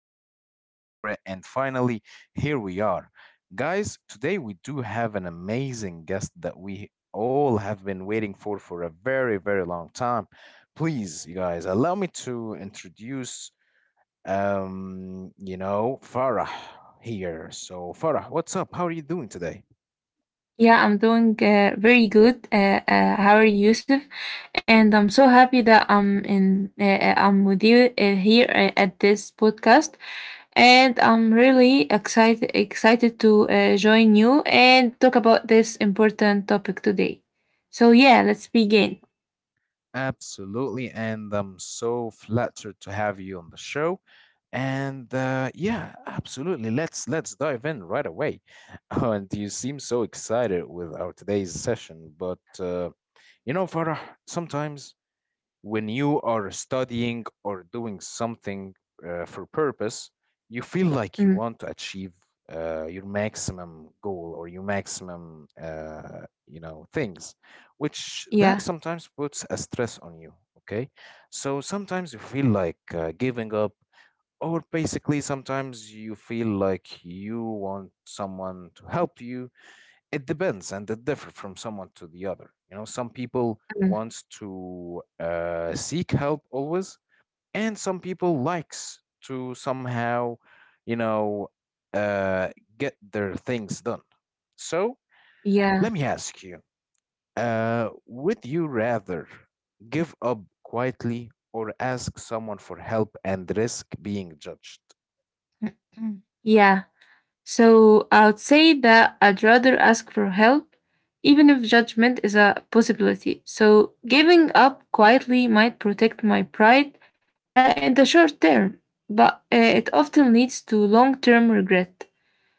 so hard for it. And finally, here we are. Guys, today we do have an amazing guest that we all have been waiting for a very, very long time. Please, you guys, allow me to introduce, Farah here. So, Farah, what's up? How are you doing today? Yeah, I'm doing very good. How are you, Yusuf? And I'm so happy that I'm in. I'm with you here at this podcast, and I'm really excited to join you and talk about this important topic today. So yeah, let's begin. Absolutely. And I'm so flattered to have you on the show. And yeah, absolutely. Let's dive in right away. And you seem so excited with our today's session, but Farah, sometimes when you are studying or doing something for purpose, you feel like you Mm, want to achieve your maximum goal or your maximum things, which that yeah, sometimes puts a stress on you. Okay, so sometimes you feel like giving up, or basically sometimes you feel like you want someone to help you. It depends and it differs from someone to the other. You know, some people mm, wants to seek help always, and some people likes to somehow, you know uh, get their things done. So let yeah, me ask you, would you rather give up quietly or ask someone for help and risk being judged? yeah. So I'd say that I'd rather ask for help, even if judgment is a possibility. So giving up quietly might protect my pride in the short term, but it often leads to long term regret.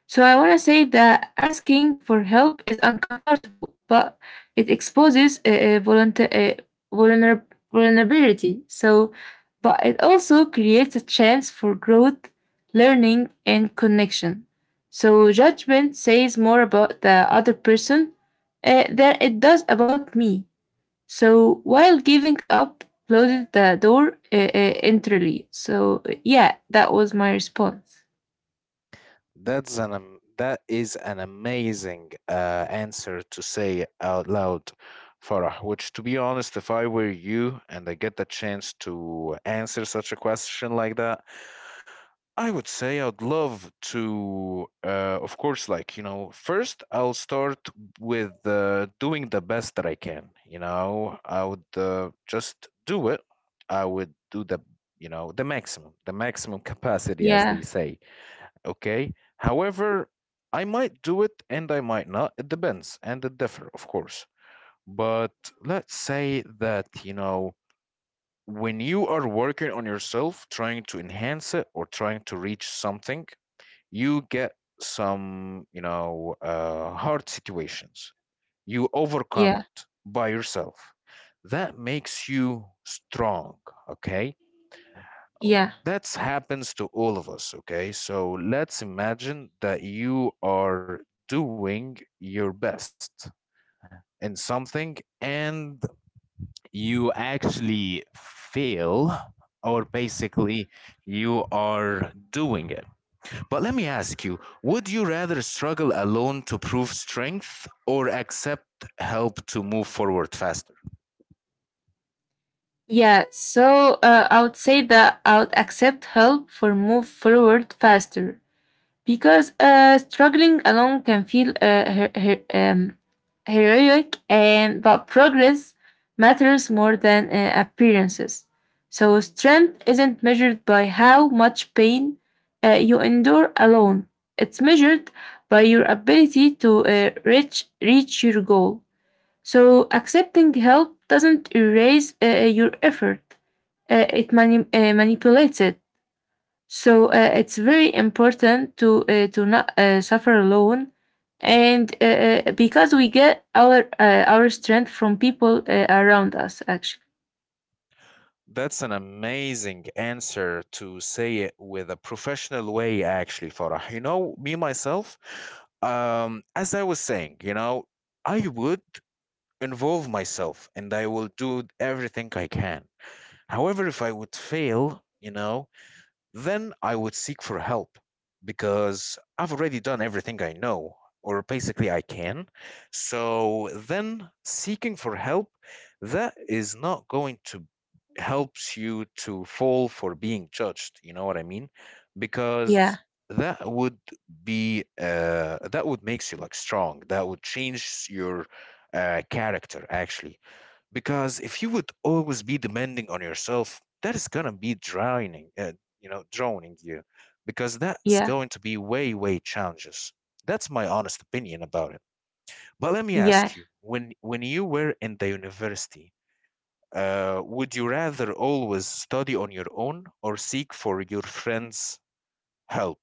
So I want to say that asking for help is uncomfortable, but it exposes a vulner- vulnerability. But it also creates a chance for growth, learning, and connection. So judgment says more about the other person than it does about me. So while giving up closes the door entirely. So yeah, that was my response. That is an amazing answer to say out loud, Farah. Which, to be honest, if I were you and I get the chance to answer such a question like that, I would say I'd love to. Of course, like you know, first I'll start with doing the best that I can. You know, I would just do it. I would do the you know the maximum capacity, as they Yeah, say. Okay. However, I might do it and I might not. It depends and it differ, of course. But let's say that, you know, when you are working on yourself, trying to enhance it or trying to reach something, you get some, hard situations. You overcome yeah, it by yourself. That makes you strong, okay? yeah. That happens to all of us, okay? So let's imagine that you are doing your best in something and you actually fail, or basically you are doing it. But let me ask you, would you rather struggle alone to prove strength or accept help to move forward faster? Yeah, so I would say that I would accept help for move forward faster because struggling alone can feel heroic, and but progress matters more than appearances. So strength isn't measured by how much pain you endure alone. It's measured by your ability to reach your goal. So accepting help doesn't erase your effort. It mani- manipulates it. So it's very important to not suffer alone, and because we get our strength from people around us. Actually, That's an amazing answer to say it with a professional way, actually, Farah. You know, me myself, as I was saying, you know, I would involve myself and I will do everything I can. However, if I would fail, you know, then I would seek for help because I've already done everything I know, or basically I can. So then seeking for help, that is not going to helps you to fall for being judged. You know what I mean? yeah, Because that would be that would makes you like strong. That would change your character actually, because if you would always be demanding on yourself, that is going to be drowning drowning you, because that is yeah, going to be way way challenges. That's my honest opinion about it. But let me yeah. ask you, when you were in the university, would you rather always study on your own or seek for your friends help?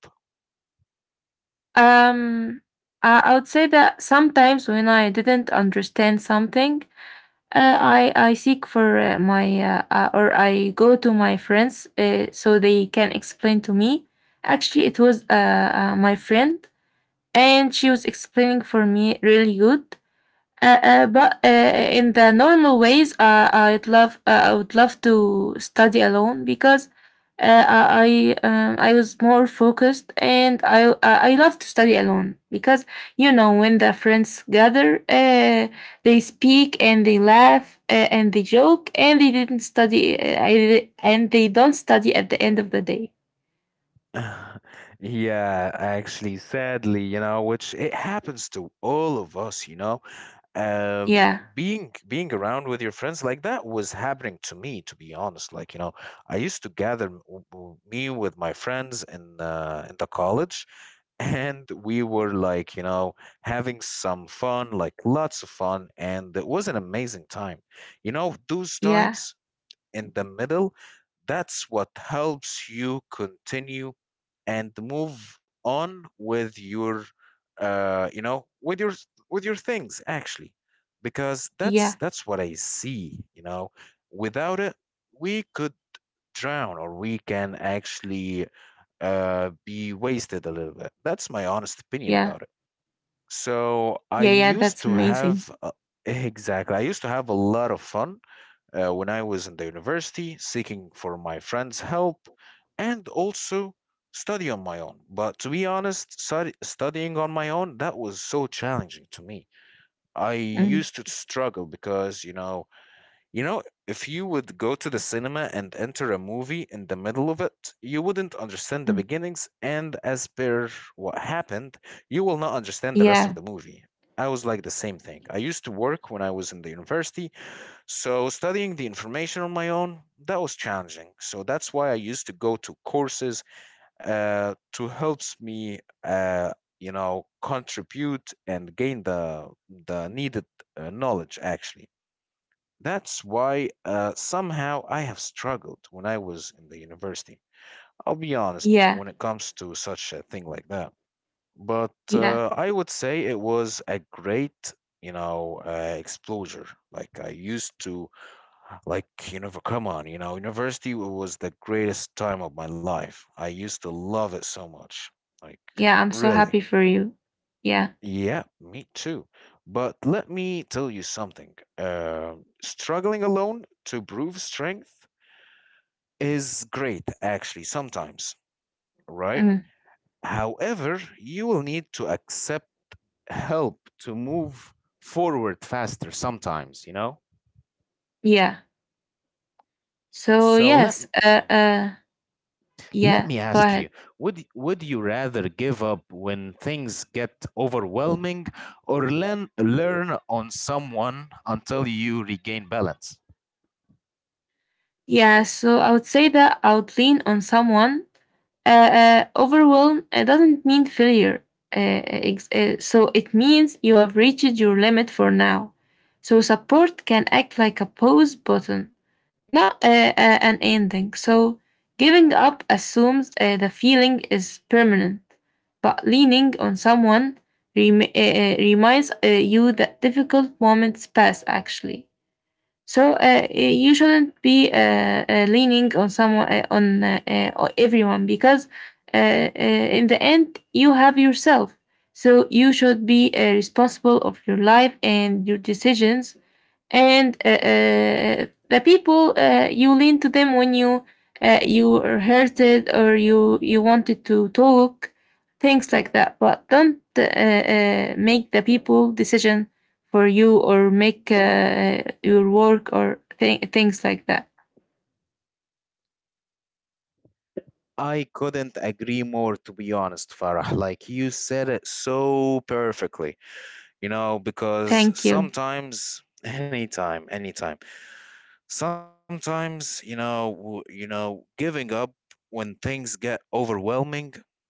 Um, I would say that sometimes when I didn't understand something, I seek for my or I go to my friends so they can explain to me. Actually, it was my friend, and she was explaining for me really good. But In the normal ways, I would love to study alone because I was more focused and I love to study alone because you know when the friends gather, they speak and they laugh and they joke and they didn't study and they don't study at the end of the day. Yeah, actually, sadly, you know, which it happens to all of us, you know. Uh, Yeah. being around with your friends, like that was happening to me, to be honest. Like, you know, I used to gather me with my friends in the college, and we were like, you know, having some fun, like lots of fun, and it was an amazing time. You know, those Yeah, times in the middle, that's what helps you continue and move on with your with your with your things actually, because that's yeah, that's what I see, you know. Without it, we could drown, or we can actually be wasted a little bit. That's my honest opinion yeah. about it. So I Yeah, yeah, used that's to amazing. have exactly, I used to have a lot of fun when I was in the university, seeking for my friends' help, and also study on my own. But to be honest, studying on my own, that was so challenging to me. I Mm, used to struggle because, you know, if you would go to the cinema and enter a movie in the middle of it, you wouldn't understand the mm. beginnings, and as per what happened, you will not understand the rest of Yeah, the movie. I was like the same thing. I used to work when I was in the university, so studying the information on my own, that was challenging. So that's why I used to go to courses to helps me, you know, contribute and gain the needed knowledge. Actually, that's why somehow I have struggled when I was in the university. I'll be honest yeah, when it comes to such a thing like that. But yeah, uh, I would say it was a great, exposure. Like I used to, like, you know, come on, you know, university was the greatest time of my life. I used to love it so much. Like, yeah. I'm so really? happy for you. Yeah, Yeah, me too. But let me tell you something. Struggling alone to prove strength is great, actually, sometimes, right? mm, However, you will need to accept help to move forward faster sometimes, you know? yeah. So So let, yes, let yeah. me Go ask ahead. you, would you rather give up when things get overwhelming or learn on someone until you regain balance? Yeah. So I would say that I would lean on someone. Overwhelm. It doesn't mean failure. So it means you have reached your limit for now. So support can act like a pause button not an ending. Giving up assumes the feeling is permanent, but leaning on someone reminds you that difficult moments pass actually. So you shouldn't be leaning on someone on everyone because in the end you have yourself. So you should be responsible of your life and your decisions and the people you lean to them when you you are hurted or you wanted to talk things like that but don't make the people decision for you or make your work or things like that I couldn't agree more, to be honest, Farah. Like you said it so perfectly, you know, because thank you sometimes, anytime, anytime, sometimes, you know, giving up when things get overwhelming,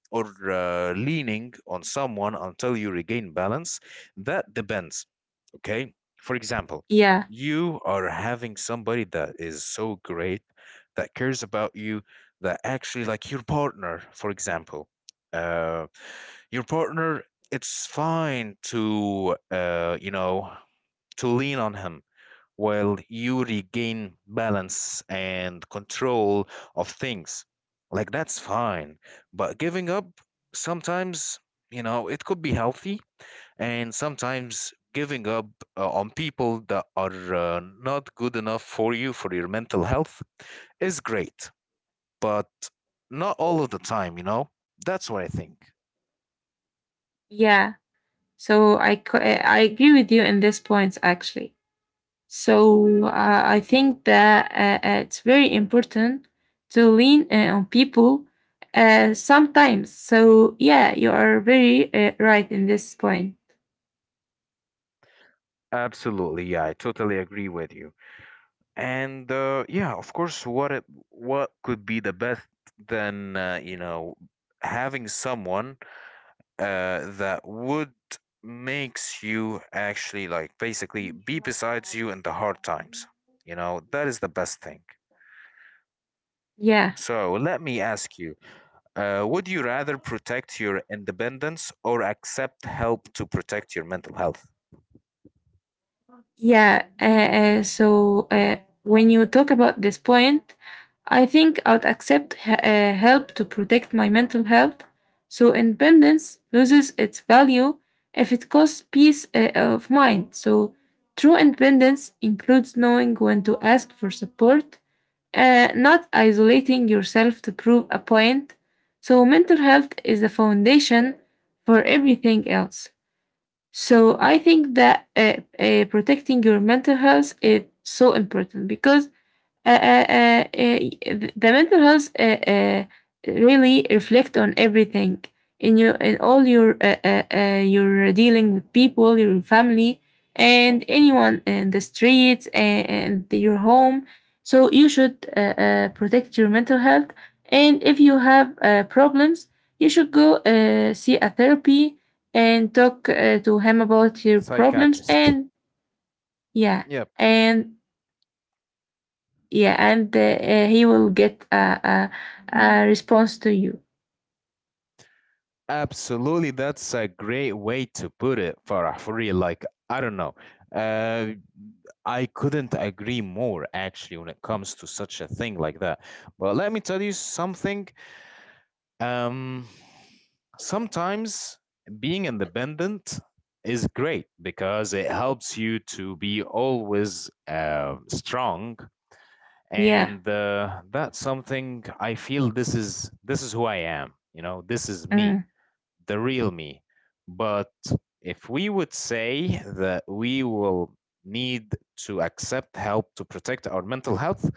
or leaning on someone until you regain balance, that depends. Okay? For example, yeah you are having somebody that is so great, that cares about you, that actually, like your partner, for example, uh, your partner, it's fine to, you know, to lean on him while you regain balance and control of things. Like, that's fine. But giving up, sometimes, you know, it could be healthy, and sometimes giving up on people that are not good enough for you, for your mental health, is great, but not all of the time, you know. That's what I think. yeah so I agree with you in this points actually. So I think that it's very important to lean on people sometimes. So yeah, you are very right in this point. Absolutely, yeah, I totally agree with you. And yeah, of course, what could be the best than you know, having someone that would makes you actually like basically be besides you in the hard times. You know, that is the best thing. Yeah. So let me ask you, would you rather protect your independence or accept help to protect your mental health? Yeah, uh, uh, so uh, when you talk about this point, I think I'd accept help to protect my mental health. So independence loses its value if it costs peace of mind. So true independence includes knowing when to ask for support, not isolating yourself to prove a point. So mental health is the foundation for everything else. So I think that protecting your mental health is so important because the mental health really reflect on everything in all your dealing with people, your family, and anyone in the streets and your home. So you should protect your mental health. And if you have problems, you should go see a therapy and talk to him about your problems. Psychiatrist. And yeah, Yep. and yeah and he will get a, a response to you Absolutely. That's a great way to put it, Farah, for real. Like, I don't know. Uh, I couldn't agree more, actually, when it comes to such a thing like that. But let me tell you something. Um, sometimes being independent is great, because it helps you to be always strong, yeah and that's something I feel. This is this is who I am, you know, this is me, mm, the real me. But if we would say that we will need to accept help to protect our mental health,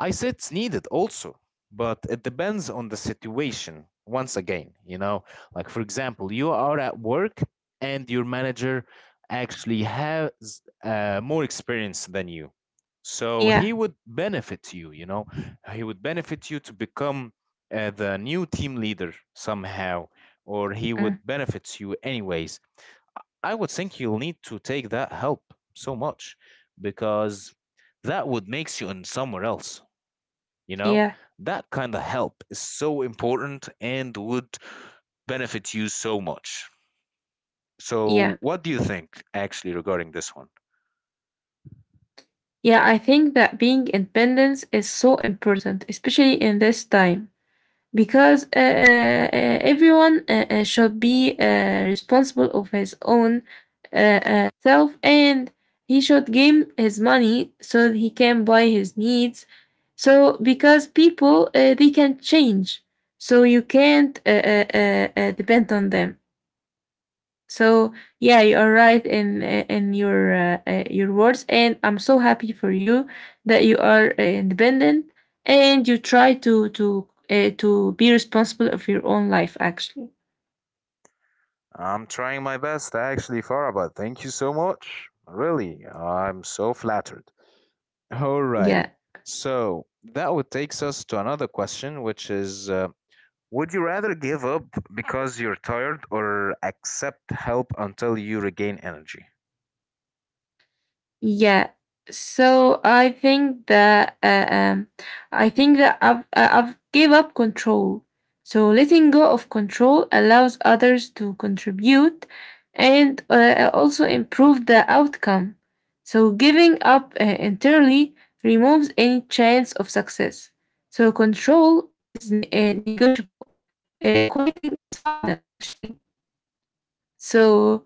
I say it's needed also, but it depends on the situation. Once again, you know, like for example, you are at work and your manager actually has more experience than you. So yeah he would benefit you, you know, he would benefit you to become the new team leader somehow, or he would mm, benefits you anyways. I would think you'll need to take that help so much, because that would makes you in somewhere else, you know. yeah That kind of help is so important and would benefit you so much. So, yeah what do you think actually regarding this one? yeah I think that being independent is so important especially in this time because everyone should be responsible of his own self and he should gain his money so that he can buy his needs so because people they can change so you can't depend on them so yeah, you are right in your words, and I'm so happy for you that you are independent and you try to to be responsible of your own life. Actually, I'm trying my best, actually, Farah, thank you so much. Really, I'm so flattered. Alrighty. yeah. So that would takes us to another question, which is would you rather give up because you're tired or accept help until you regain energy? Yeah. So I think that I've gave up control. So letting go of control allows others to contribute and also improve the outcome. So giving up entirely removes any chance of success. So control is negotiable. Quieting is final, actually. So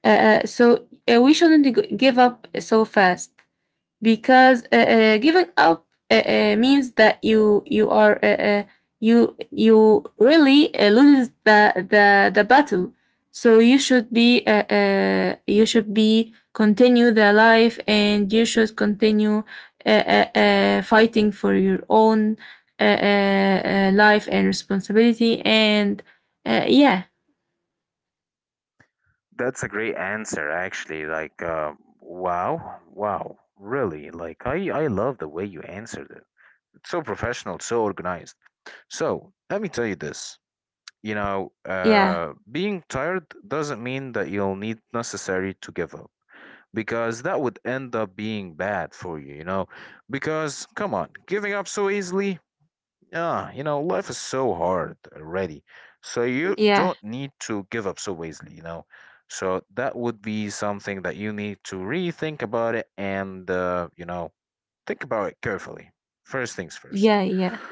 we shouldn't give up so fast because giving up means that you are you you really lose the the battle so you should be continue the life and you should continue fighting for your own life and responsibility and yeah That's a great answer, actually. Like, wow, wow, really. Like, I love the way you answered it. It's so professional, so organized. So, let me tell you this. You know, yeah being tired doesn't mean that you'll need necessary to give up, because that would end up being bad for you, you know. Because come on, giving up so easily, ah, you know, life is so hard already. So you yeah don't need to give up so easily, you know. So that would be something that you need to rethink about it, and you know, think about it carefully. First things first. yeah yeah.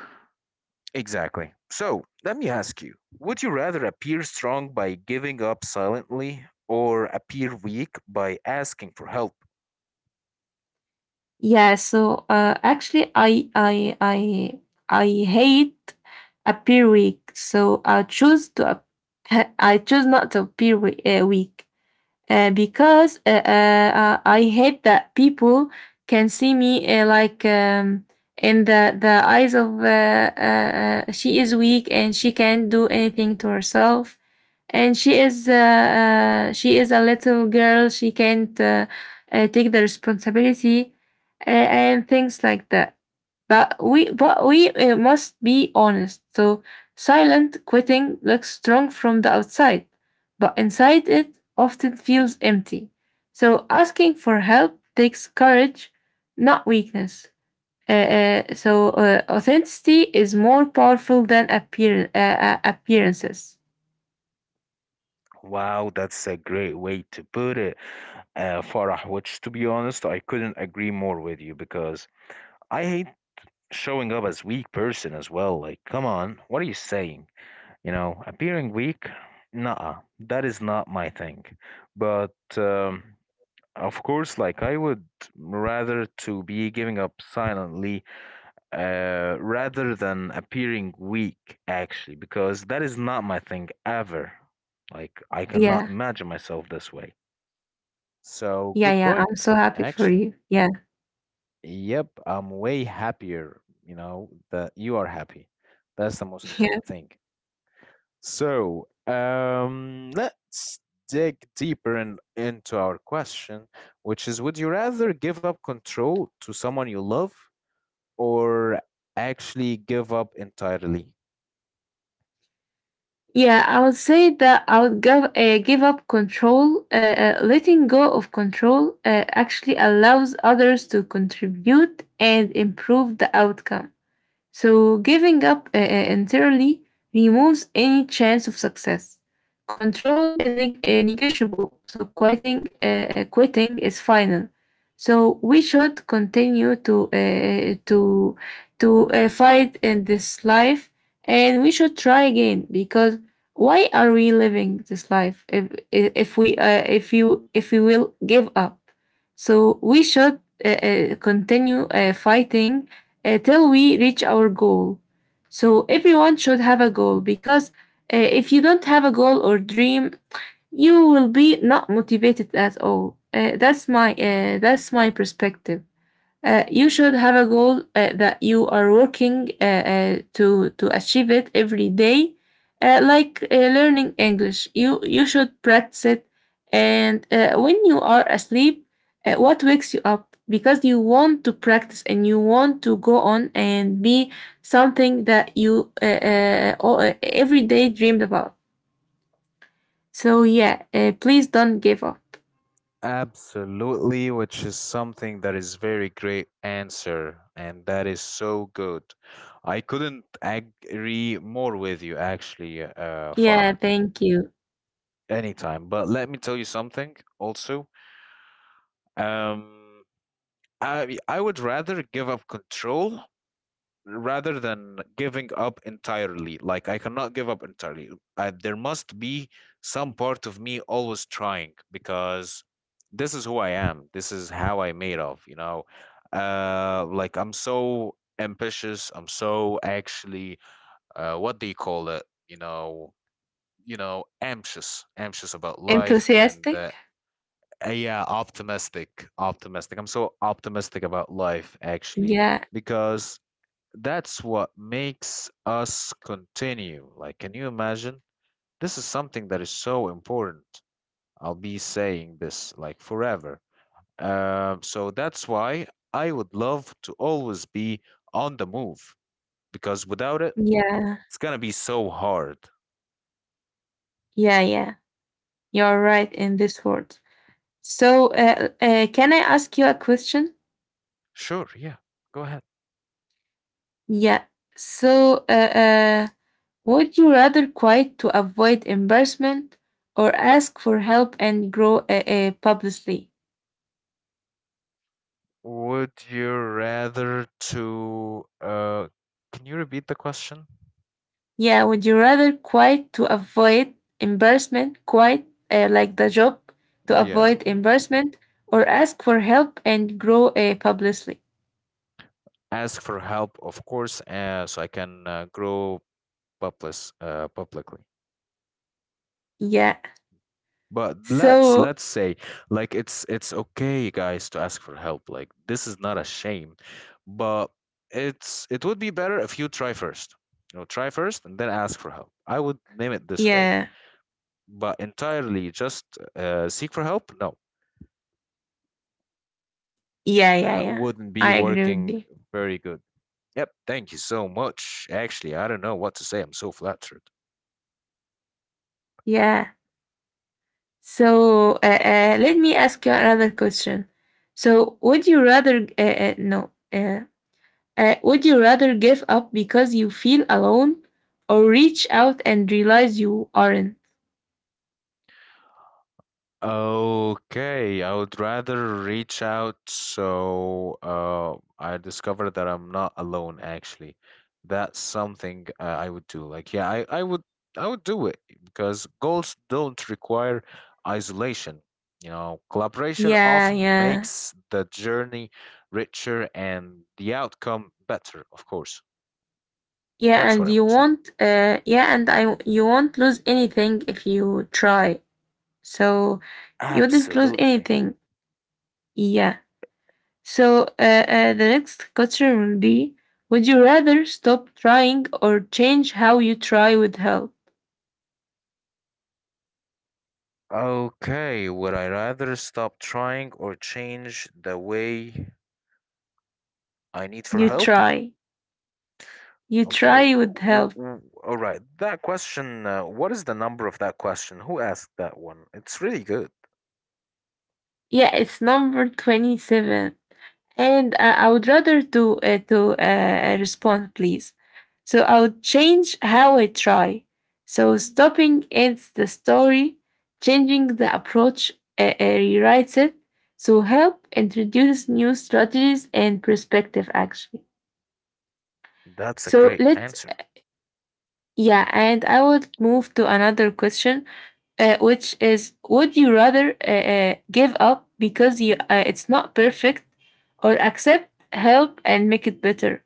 Exactly. So let me ask you, would you rather appear strong by giving up silently or appear weak by asking for help? Yeah, so actually, I hate appear weak, so I choose to I choose not to appear weak because I hate that people can see me in the eyes of she is weak and she can't do anything to herself and she is a little girl she can't take the responsibility and things like that but we must be honest so silent quitting looks strong from the outside but inside it often feels empty so asking for help takes courage not weakness authenticity is more powerful than appearances. Wow, that's a great way to put it, Farah, which to be honest, I couldn't agree more with you because I hate showing up as weak person as well. Like, come on, what are you saying? You know, appearing weak? Nah, that is not my thing. But um, of course, like I would rather to be giving up silently rather than appearing weak, actually, because that is not my thing ever. Like, I cannot Yeah, imagine myself this way. So, yeah, good yeah. I'm point, so happy for actually. you. Yeah, Yep, I'm way happier, you know, that you are happy. That's the most yeah. important thing. So, let's dig deeper into our question, which is, would you rather give up control to someone you love or actually give up entirely? Yeah, I would say that I would give, give up control. Letting go of control actually allows others to contribute and improve the outcome. So giving up entirely removes any chance of success. Control is negotiable, so quitting quitting is final. So we should continue to to fight in this life, and we should try again because why are we living this life if we if you if we will give up? So we should continue fighting till we reach our goal. So everyone should have a goal because if you don't have a goal or dream, you will be not motivated at all. That's my that's my perspective. You should have a goal that you are working to achieve it every day, like learning English. You should practice it, and when you are asleep, what wakes you up because you want to practice and you want to go on and be something that you every day dreamed about. So yeah, please don't give up. Absolutely, which is something that is very great answer, and that is so good. I couldn't agree more with you, actually, Farah. Yeah, thank you. Anytime. But let me tell you something also. Um, I would rather give up control rather than giving up entirely. Like I cannot give up entirely. I, there must be some part of me always trying because this is who I am. This is how I made of, you know. Like I'm so ambitious. I'm so actually what do you call it? You know, you know, anxious, anxious about life and Enthusiastic. Yeah, optimistic, optimistic. I'm so optimistic about life, actually, Yeah, because that's what makes us continue. Like, can you imagine? This is something that is so important. I'll be saying this like forever. So that's why I would love to always be on the move, because without it, yeah, it's gonna be so hard. yeah, yeah. You're right in this word. So, can I ask you a question? Sure, yeah, go ahead. Yeah. So, would you rather quiet to avoid embarrassment or ask for help and grow publicly? Would you rather to can you repeat the question? Yeah, would you rather quiet to avoid embarrassment, quiet like the job to Yeah. avoid embarrassment, or ask for help and grow publicly? Ask for help, of course, so I can grow public publicly. Yeah. But let's So, let's say like it's okay guys to ask for help. Like this is not a shame. But it's it would be better if you try first. You know, try first and then ask for help. I would name it this way. yeah, But entirely just seek for help? No. yeah, yeah, That yeah. wouldn't be I agree with working you. very good. Yep, thank you so much. Actually, I don't know what to say. I'm so flattered. Yeah. So let me ask you another question. So would you rather no would you rather give up because you feel alone or reach out and realize you aren't? Okay, I would rather reach out so I discover that I'm not alone actually. That's something I would do. Like, yeah, I would do it because goals don't require isolation. You know, collaboration Yeah, often yeah. makes the journey richer and the outcome better, of course. Yeah, That's what and I you would say. won't, you won't lose anything if you try. So you wouldn't lose Absolutely. anything. Yeah. So the next question will be: Would you rather stop trying or change how you try with help? Okay, would I rather stop trying or change the way I need for You help? try. You Okay. try with help. All right. That question, what is the number of that question? Who asked that one? It's really good. Yeah, it's number 27. And I would rather to respond, please. So I would change how I try. So stopping ends the story, changing the approach rewrites it. So help introduce new strategies and perspective. Actually, That's a so great let's answer. Yeah, and I would move to another question, which is: Would you rather give up because you it's not perfect, or accept help and make it better?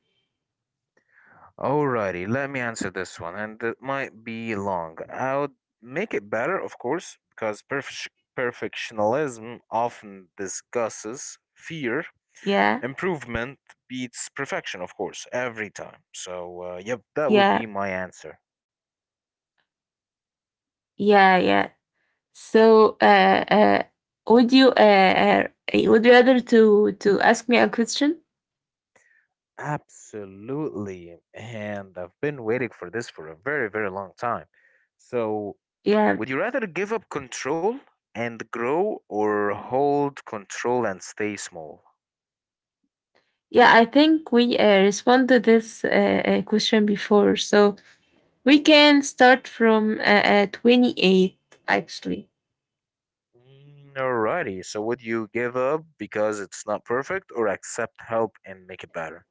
Alrighty, let me answer this one, and it might be long. I'll make it better, of course, because perfectionism often discusses fear. Yeah, Improvement beats perfection, of course, every time. So, yep, that would yeah, be my answer. yeah, yeah. So, would you, would you rather to ask me a question? Absolutely. And I've been waiting for this for a very, very long time. So, Yeah, would you rather give up control and grow or hold control and stay small? yeah. I think we respond to this question before, so we can start from 28 actually. Mm, alrighty. So, would you give up because it's not perfect or accept help and make it better?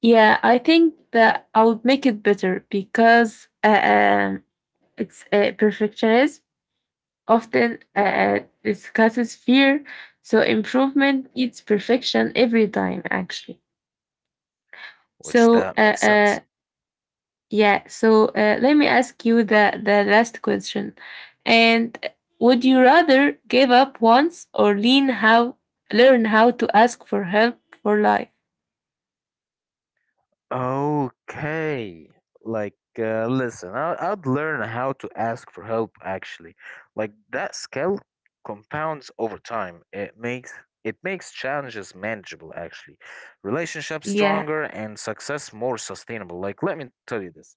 Yeah, I think that I would make it better because it's perfectionism often discusses fear. So improvement eats perfection every time, actually. Which So that makes sense. Yeah. So let me ask you the last question. And would you rather give up once or lean how learn how to ask for help for life? Okay. Like, listen, I'd learn how to ask for help actually. Like that skill compounds over time. It makes challenges manageable actually. Relationships Yeah, stronger and success more sustainable. Like, let me tell you this.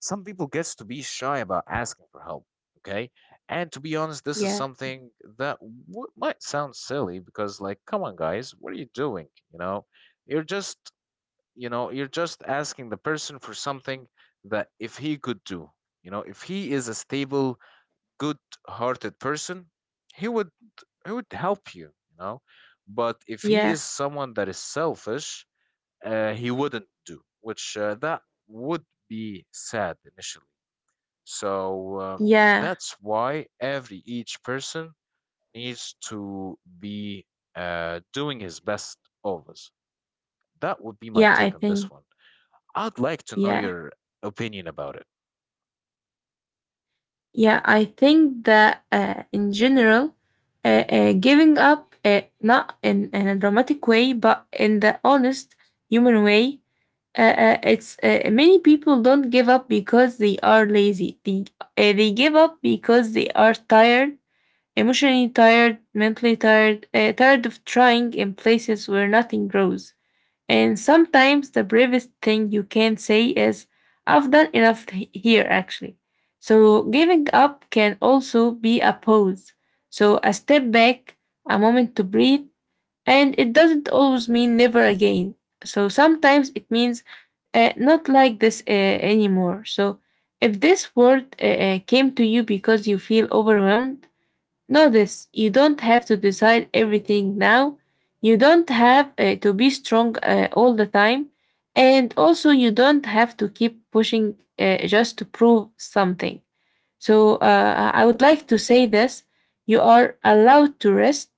Some people gets to be shy about asking for help, okay? And to be honest, this is yeah, something that w might sound silly because like, come on guys, what are you doing? You know? You're just, you know, you're just asking the person for something that if he could do, you know, if he is a stable, good hearted person, he would, he would help you, you know, but if he yeah, is someone that is selfish, he wouldn't do, which that would be sad initially, so yeah, that's why every each person needs to be doing his best always. That would be my yeah. I take on this think one. I'd like to know yeah. your opinion about it. Yeah, I think that in general, giving up, not in a dramatic way, but in the honest human way, it's many people don't give up because they are lazy. They give up because they are tired, emotionally tired, mentally tired, tired of trying in places where nothing grows. And sometimes the bravest thing you can say is, I've done here, actually. So giving up can also be a pause. So a step back, a moment to breathe, and it doesn't always mean never again. So sometimes it means not like this anymore. So if this word came to you because you feel overwhelmed, notice you don't have to decide everything now. You don't have to be strong all the time. And also, you don't have to keep pushing just to prove something. So, I would like to say this: you are allowed to rest,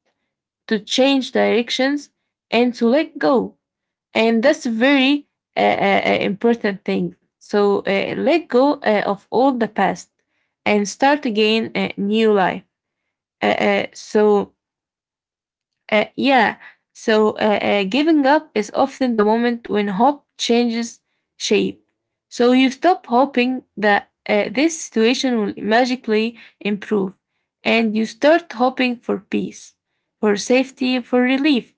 to change directions, and to let go. And that's a very important thing. So, let go of all the past and start again a new life. Uh, uh, so uh, yeah, giving up is often the moment when hope changes shape. So you stop hoping that this situation will magically improve, and you start hoping for peace, for safety, for relief.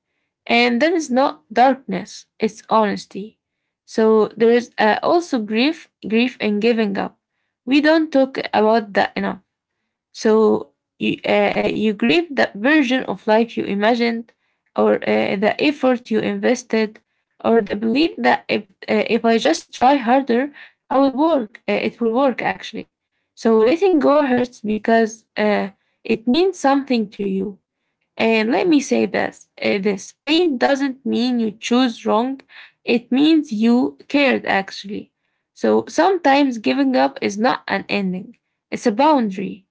And that is not darkness, it's honesty. So there is also grief, grief and giving up. We don't talk about that enough. So you grieve that version of life you imagined, or the effort you invested, or the belief that if I just try harder, I will work. It will work, actually. So letting go hurts because it means something to you. And let me say this: this pain doesn't mean you choose wrong, it means you cared, actually. So sometimes giving up is not an ending, it's a boundary.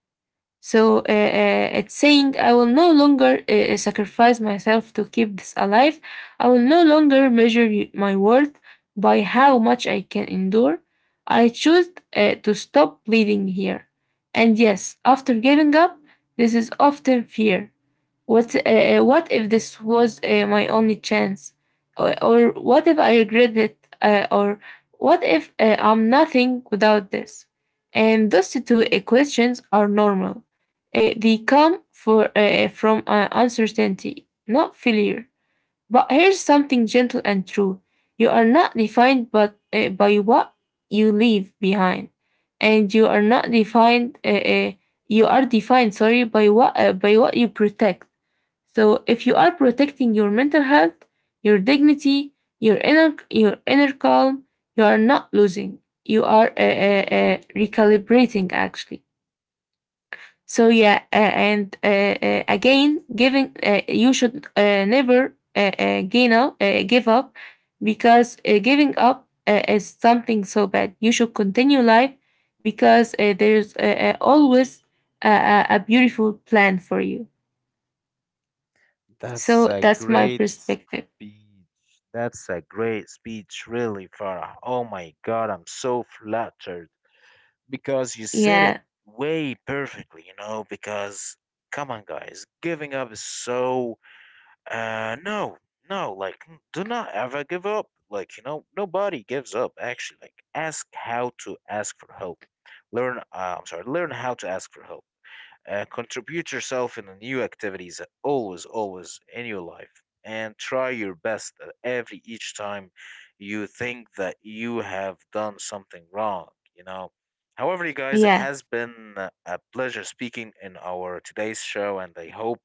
It's saying, I will no longer sacrifice myself to keep this alive. I will no longer my worth by how much I can endure. I choose to stop bleeding here. And yes, after giving up, this is often fear. What if this was my only chance? Or what if I regret it? Or what if I'm nothing without this? And those two questions are normal. They come from uncertainty, not failure. But here's something gentle and true. You are not defined by what you leave behind. And you are not defined, you are defined, sorry, by what you protect. So if you are protecting your mental health, your dignity, your your inner calm, you are not losing. You are recalibrating, actually. So yeah, and again, giving you should never give up, because giving up is something so bad. You should continue life because there's always a, a beautiful plan for you. That's So a that's my great perspective. speech. That's a great speech, really, Farah. Oh my God, I'm so flattered because you said it Yeah, way perfectly, you know. Because, come on, guys, giving up is so. No, no, like, do not ever give up. Like, you know, nobody gives up, actually. Like, ask how to ask for help. Learn, I'm sorry, learn how to ask for help. Contribute yourself in the new activities always, always in your life, and try your best at every each time you think that you have done something wrong. You know. However, you guys, it yeah. has been a pleasure speaking in our today's show, and I hope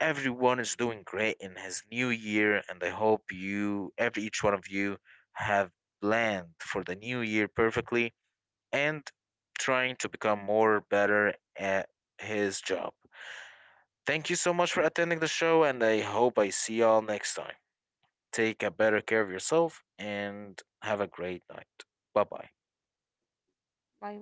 everyone is doing great in his new year. And I hope you, every each one of you, have planned for the new year perfectly and trying to become more better at his job. Thank you so much for attending the show, and I hope I see y'all next time. Take a better care of yourself and have a great night. Bye bye. Bye.